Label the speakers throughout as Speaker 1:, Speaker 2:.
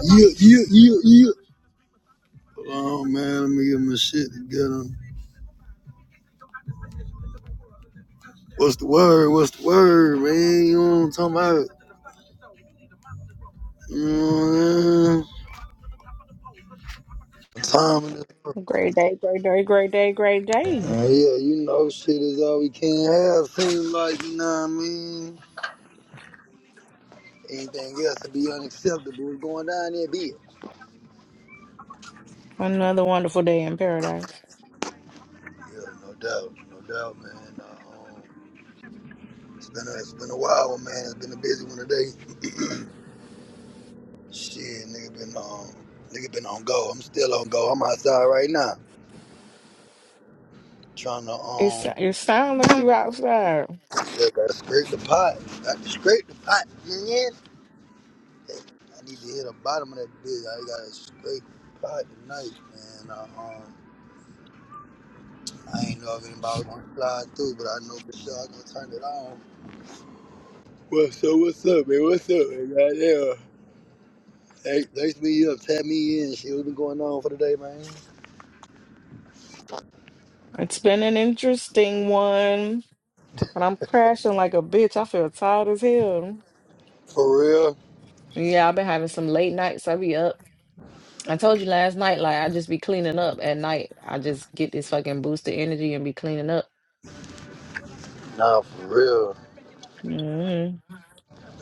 Speaker 1: You, you, you, you. Oh man, let me get my shit together. What's the word? What's the word, man? You know what I'm talking about? You know what I'm saying? Time
Speaker 2: Great day, great day, great day, great day.
Speaker 1: uh, yeah, you know, shit is all we can have. Seems like you know what I mean. Anything else would be unacceptable. What's going down there, be it.
Speaker 2: Another wonderful day in paradise.
Speaker 1: Yeah, no doubt, no doubt, man. Um, it's been a, it's been a while, man. It's been a busy one today. Shit, nigga been on, nigga been on go. I'm still on go. I'm outside right now trying to
Speaker 2: It's
Speaker 1: um
Speaker 2: it sound like you outside.
Speaker 1: Yeah, gotta scrape the pot. Gotta scrape the pot, man. I need to hit the bottom of that bitch. I gotta scrape the pot tonight, man. Uh, um, I ain't know if anybody was gonna fly through, but I know for sure I gonna turn it on. Well, so what's up, man? What's up, man? Goddamn. Hey, thanks me up, tap me in. See what's been going on for the day, man.
Speaker 2: It's been an interesting one, but I'm crashing like a bitch. I feel tired as hell.
Speaker 1: For real?
Speaker 2: Yeah, I've been having some late nights. I be up. I told you last night, like I just be cleaning up at night. I just get this fucking boost of energy and be cleaning up.
Speaker 1: Nah, for real.
Speaker 2: hmm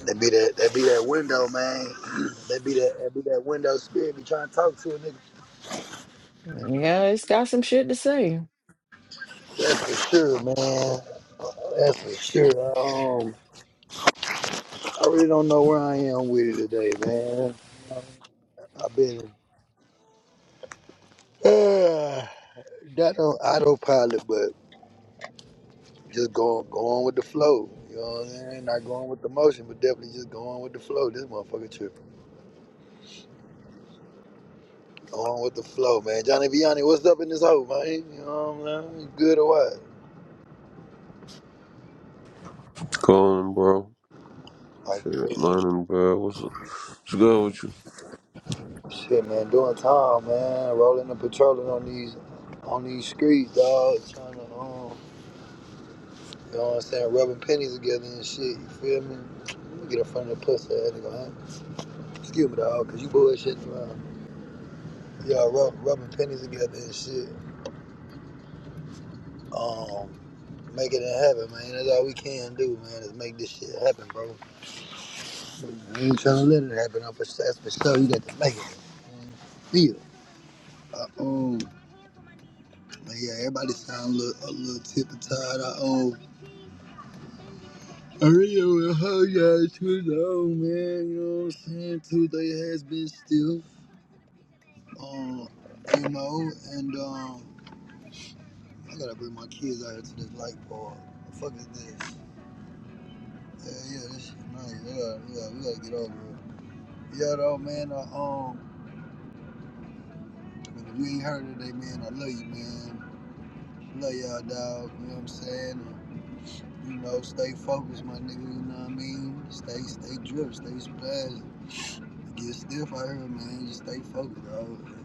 Speaker 1: That be that. That be that window, man. That be that. That be that window spirit. Be trying to talk to a nigga.
Speaker 2: Yeah, it's got some shit to say.
Speaker 1: That's for sure, man. That's for sure. Um, I really don't know where I am with it today, man. You know, I've been uh, not on autopilot, but just going going with the flow. You know what I'm saying? Not going with the motion, but definitely just going with the flow. This motherfucker tripping. Going with the flow, man. Johnny Vianney, what's up in this hole, man? You know what I'm saying? You Good or what?
Speaker 3: Going, bro.
Speaker 1: Like, a
Speaker 3: Shit,
Speaker 1: bitch.
Speaker 3: learning, bro. What's, what's good with you?
Speaker 1: shit, man. Doing time, man. Rolling and patrolling on these on these streets, dog. Trying to um, You know what I'm saying? Rubbing pennies together and shit. You feel me? Let me get in front of the pussy ass nigga, huh? Excuse me, dog, cause you bullshitting around. Y'all rub, rubbing pennies together and shit. Um, make it happen, man. That's all we can do, man, is make this shit happen, bro. We ain't trying to let it happen. I'm for, that's for sure. You got to make it. Feel. I own. But yeah, everybody sound a little, a little tip of tired. I own. I really want to hug y'all too long, man. You know what I'm saying? Tuesday has been still. Um, you know, and um, I gotta bring my kids out here to this light pole. The fuck is this? Yeah, yeah, this shit nice. Yeah, yeah, we gotta get over it. Yeah, though, man. Uh, um, if you ain't heard today, man, I love you, man. Love y'all, dog. You know what I'm saying? And, you know, stay focused, my nigga. You know what I mean? Stay, stay drip, stay splash. Get stiff out here, man. Just stay focused, dog.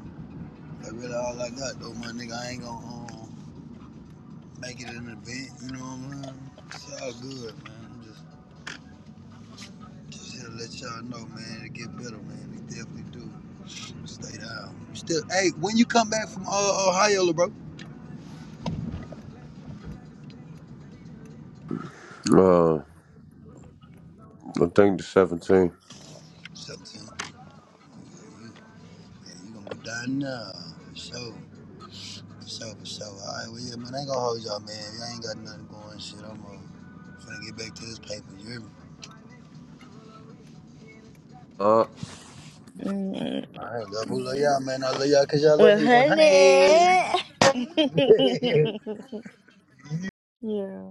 Speaker 1: That's really all I got, though, my nigga. I ain't gonna. Um, make it an event, you know what I mean? It's all good, man. I'm just, just here to let y'all know, man, it get better, man. It definitely do. Stay down. Still, hey, when you come back from uh, Ohio, bro,
Speaker 3: Uh, I think the 17.
Speaker 1: 17th, you, man, you gonna be down now. For sure, for sure, for sure. All right, well, yeah, man, I ain't gonna hold y'all, man. Y'all ain't got nothing going, shit. I'm uh, finna get back to this paper, you hear me?
Speaker 2: mm
Speaker 1: All right, love, who love y'all, man? I love y'all because y'all love
Speaker 2: Well,
Speaker 1: me 100.
Speaker 2: honey. yeah.